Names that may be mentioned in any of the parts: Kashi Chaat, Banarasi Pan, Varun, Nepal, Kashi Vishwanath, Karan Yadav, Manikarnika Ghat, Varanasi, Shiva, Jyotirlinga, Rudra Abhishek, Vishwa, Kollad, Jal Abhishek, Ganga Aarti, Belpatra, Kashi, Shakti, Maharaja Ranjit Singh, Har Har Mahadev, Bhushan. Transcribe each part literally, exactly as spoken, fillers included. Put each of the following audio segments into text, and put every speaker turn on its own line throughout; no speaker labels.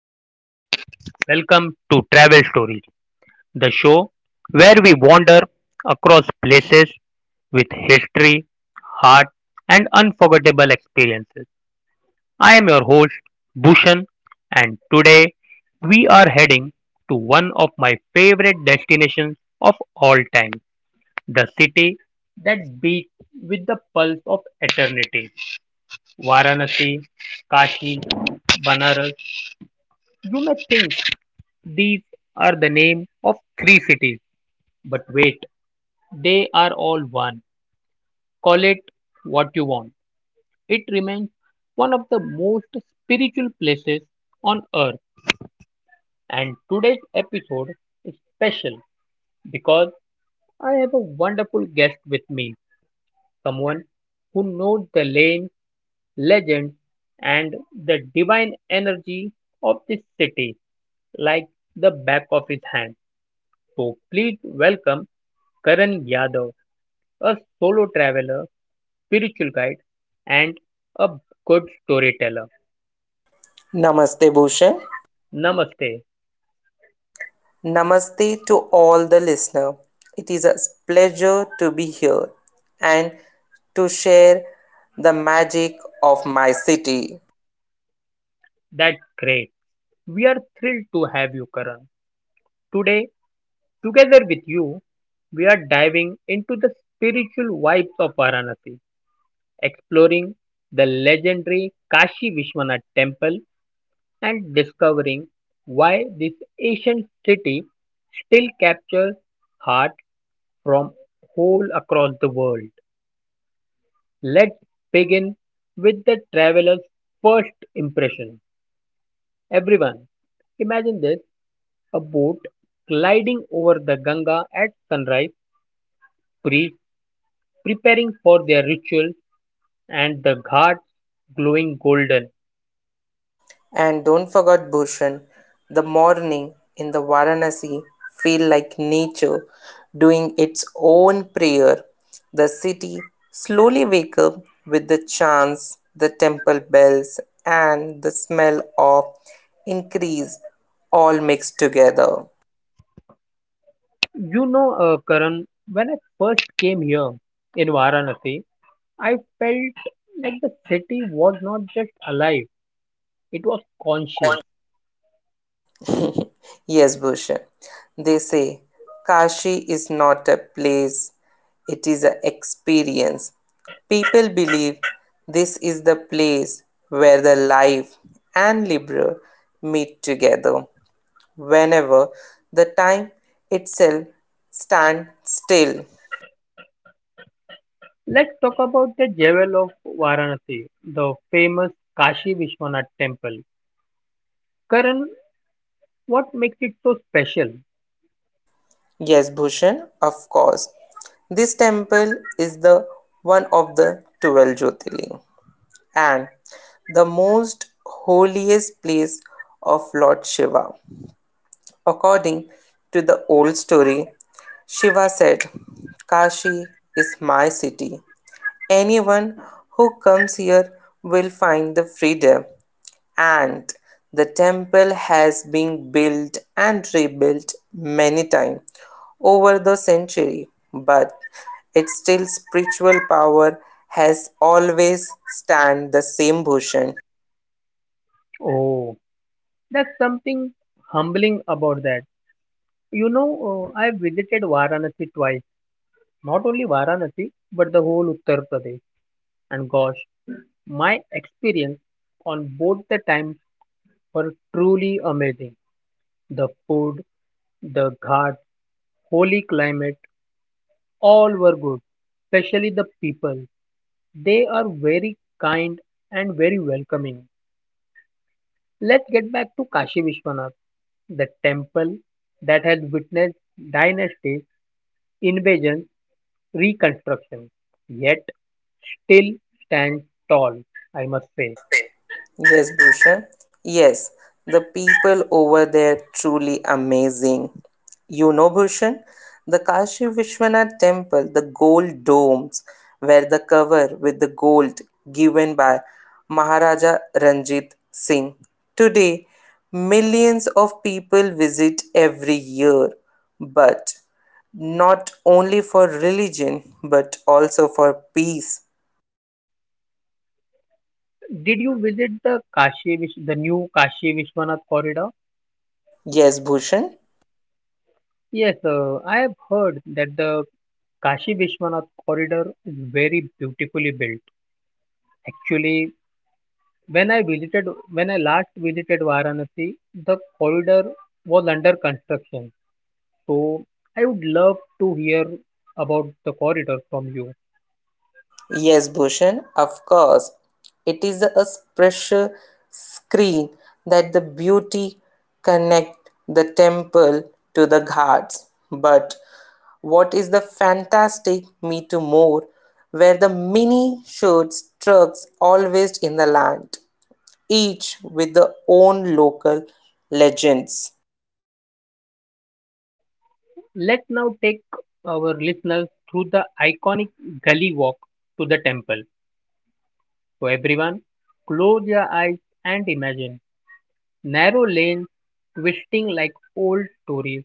travelers. Welcome to Travel Stories, the show where we wander across places with history, heart, and unforgettable experiences. I am your host, Bhushan, and today we are heading to one of my favorite destinations of all time, the city that beats with the pulse of eternity. Varanasi, Kashi, Banaras. You may think these are the names of three cities. But wait, they are all one. Call it what you want. It remains one of the most spiritual places on earth. And today's episode is special because I have a wonderful guest with me, someone who knows the lane, legend, and the divine energy of this city like the back of his hand. So please welcome Karan Yadav, a solo traveler, spiritual guide, and a good storyteller.
Namaste Bhushan.
Namaste.
Namaste to all the listener. It is a pleasure to be here and to share the magic of my city.
That's great. We are thrilled to have you, Karan. Today, together with you, we are diving into the spiritual vibes of Varanasi, exploring the legendary Kashi Vishwanath temple and discovering why this ancient city still captures hearts from all across the world. Let's begin with the traveler's first impression. Everyone, imagine this: a boat gliding over the Ganga at sunrise, priests preparing for their ritual, and the ghats glowing golden.
And don't forget Bhushan, the morning in the Varanasi feel like nature doing its own prayer. The city slowly wake up with the chants, the temple bells and the smell of increase all mixed together.
You know, uh, Karan, when I first came here in Varanasi, I felt like the city was not just alive, it was conscious.
Yes, Bhushan. They say Kashi is not a place, it is an experience. People believe this is the place where the life and liberal meet together. Whenever the time itself stands still.
Let's talk about the jewel of Varanasi, the famous Kashi Vishwanath temple. Karan, what makes it so special?
Yes, Bhushan, of course. This temple is the one of the twelve Jyotirlinga, and the most holiest place of Lord Shiva. According to the old story, Shiva said, Kashi is my city. Anyone who comes here will find the freedom. And the temple has been built and rebuilt many times over the century, but its still spiritual power has always stand the same Bhushan.
Oh, that's something humbling about that. You know, uh, I've visited Varanasi twice, not only Varanasi, but the whole Uttar Pradesh. And gosh, my experience on both the times were truly amazing. The food, the ghat, holy climate, all were good, especially the people. They are very kind and very welcoming. Let's get back to Kashi Vishwanath, the temple that has witnessed dynasties, invasions, reconstruction, yet still stands tall, I must say.
Must Yes, Bhushan. Yes, the people over there truly amazing. You know, Bhushan, the Kashi Vishwanath temple, the gold domes were the cover with the gold given by Maharaja Ranjit Singh. Today, millions of people visit every year, but not only for religion but also for peace.
Did you visit the Kashi, Vish- the new Kashi Vishwanath corridor?
Yes, Bhushan.
Yes, uh, I have heard that the Kashi Vishwanath corridor is very beautifully built. Actually, When I visited, when I last visited Varanasi, the corridor was under construction. So I would love to hear about the corridor from you.
Yes, Bhushan, of course. It is a special screen that the beauty connect the temple to the ghats. But what is the fantastic Me Too More, where the mini shirts trucks always in the land, each with their own local legends.
Let's now take our listeners through the iconic gully walk to the temple. So everyone, close your eyes and imagine narrow lanes twisting like old stories,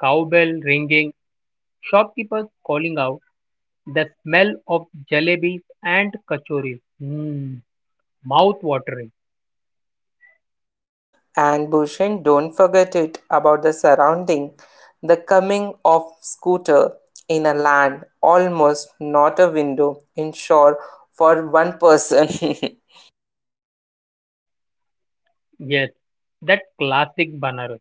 cowbell ringing, shopkeepers calling out, the smell of jalebis and kachoris. Hmm. Mouth-watering,
And Bhushan, don't forget it about the surrounding, the coming of scooter in a land, almost not a window, in shore for one person.
yes, that classic banner.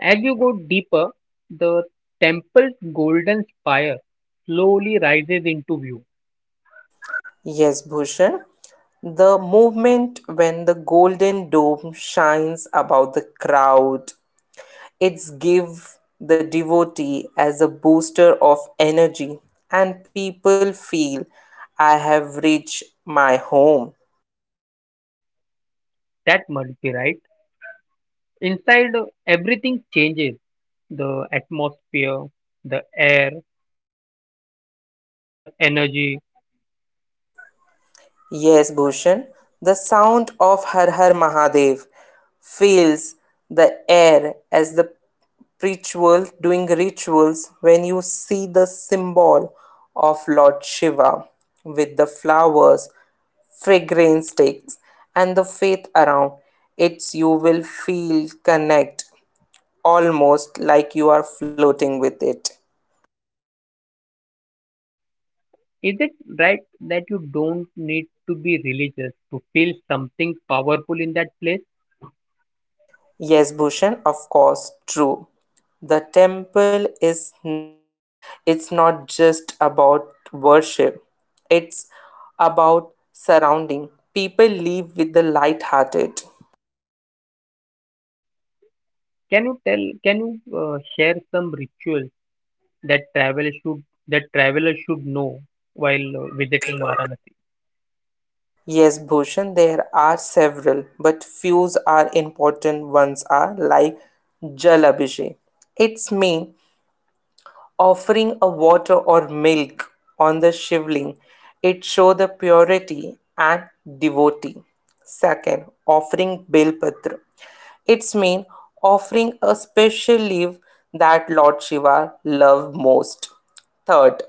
As you go deeper, the temple's golden spire slowly rises into view.
Yes, Bhushan. The movement when the golden dome shines about the crowd. It's give the devotee as a booster of energy and people feel I have reached my home.
That must be right. Inside, uh, everything changes: the atmosphere, the air, the energy.
Yes, Bhushan, the sound of Har Har Mahadev fills the air as the ritual doing rituals when you see the symbol of Lord Shiva with the flowers, figurine sticks, and the faith around it, you will feel connect almost like you are floating with it.
Is it right that you don't need to be religious to feel something powerful in that place?
Yes, Bhushan, of course, true. The temple is n- it's not just about worship. It's about surrounding. People live with the light-hearted.
Can you tell, can you uh, share some rituals that travel should that travelers should know while uh,
While
visiting
uh,
Varanasi?
Yes, Bhushan, there are several, but few are important ones are like Jal Abhishek. Its main offering a water or milk on the shivling, it shows the purity and devotee. Second, offering Belpatra. Its mean offering a special leaf that Lord Shiva love most. Third,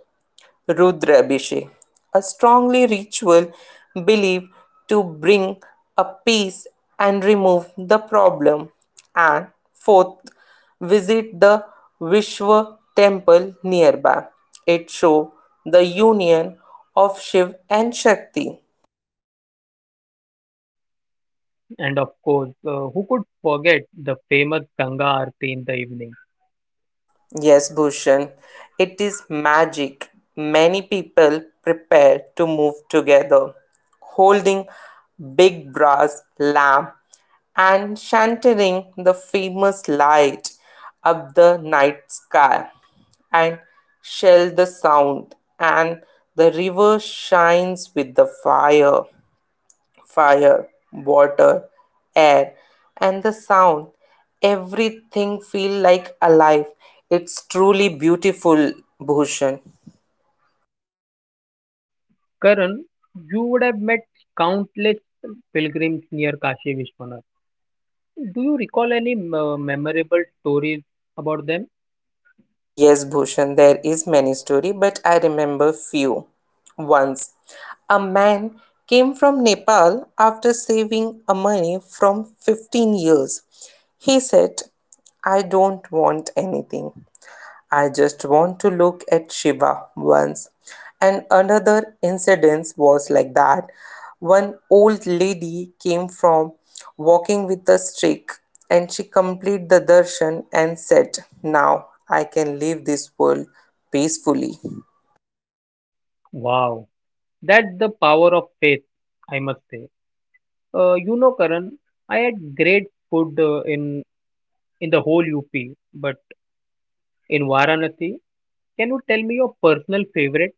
Rudra Abhishek, a strongly ritual believed to bring a peace and remove the problem. And fourth, visit the Vishwa temple nearby. It shows the union of Shiv and Shakti.
And of course, uh, who could forget the famous Ganga Aarti in the evening?
Yes, Bhushan, it is magic. Many people prepare to move together, holding big brass lamp and chanting the famous light up the night sky and shell the sound and the river shines with the fire fire, water, air, and the sound. Everything feel like alive. It's truly beautiful, Bhushan.
Karan, you would have met countless pilgrims near Kashi Vishwanath. Do you recall any uh, memorable stories about them?
Yes, Bhushan, there is many story, but I remember few. Once, a man came from Nepal after saving a money from fifteen years. He said, I don't want anything. I just want to look at Shiva once. And another incident was like that. One old lady came from walking with the stick and she completed the darshan and said, now I can leave this world peacefully.
Wow, that's the power of faith, I must say. Uh, you know, Karan, I had great food uh, in in the whole U P, but in Varanasi, can you tell me your personal favorite?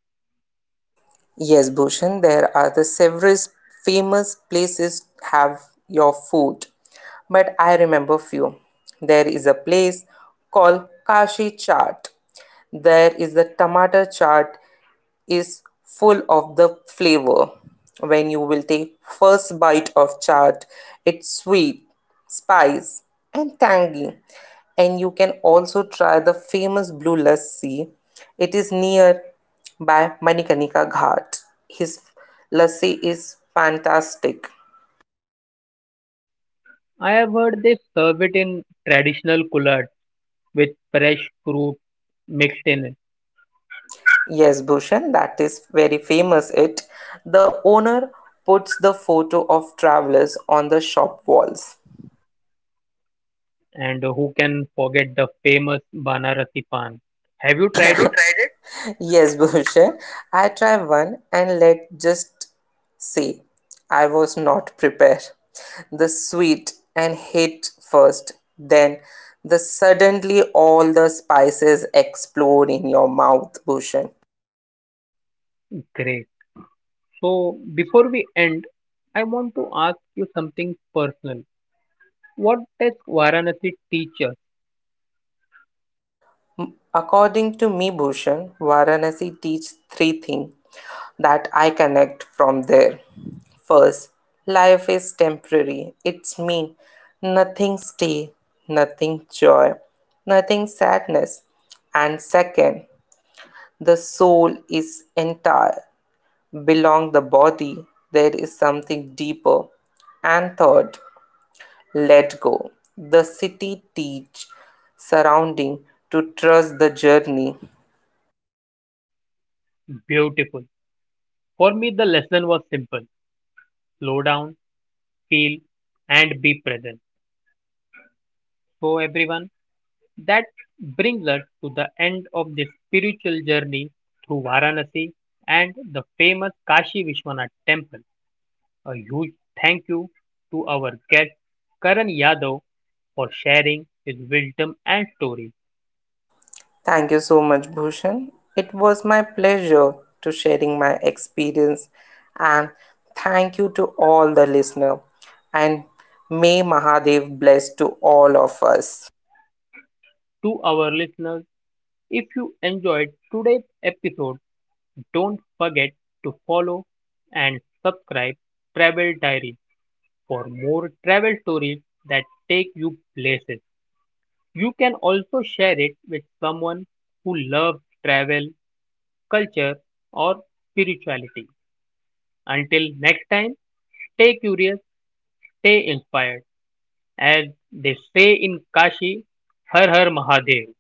Yes, Bhushan, there are the several famous places have your food, but I remember few. There is a place called Kashi Chaat. There is the tomato chaat is full of the flavor. When you will take first bite of chaat, it's sweet, spice, and tangy. And you can also try the famous Blue Lassi. It is near by manikarnika Ghat. His lassi is fantastic.
I have heard they serve it in traditional Kollad with fresh fruit mixed in it.
Yes, Bhushan, that is very famous. It, the owner puts the photo of travelers on the shop walls.
And who can forget the famous Banarasi Pan? Have you tried it?
Tried it? Yes, Bhushan, I try one and let just say I was not prepared. The sweet and hit first, then the suddenly all the spices explode in your mouth, Bhushan.
Great. So before we end, I want to ask you something personal. What does Varanasi teach us?
According to me, Bhushan, Varanasi teaches three things that I connect from there. First, life is temporary. It's me. Nothing stay, nothing joy, nothing sadness. And second, the soul is entire. Belong the body. There is something deeper. And third, let go. The city teach surrounding to trust the journey.
Beautiful. For me, the lesson was simple. Slow down, feel, and be present. So everyone, that brings us to the end of this spiritual journey through Varanasi and the famous Kashi Vishwanath temple. A huge thank you to our guest Karan Yadav for sharing his wisdom and story.
Thank you so much, Bhushan. It was my pleasure to sharing my experience and thank you to all the listener and may Mahadev bless to all of us.
To our listeners, if you enjoyed today's episode, don't forget to follow and subscribe Travel Diary for more travel stories that take you places. You can also share it with someone who loves travel, culture, or spirituality. Until next time, stay curious, stay inspired. As they say in Kashi, Har Har Mahadev.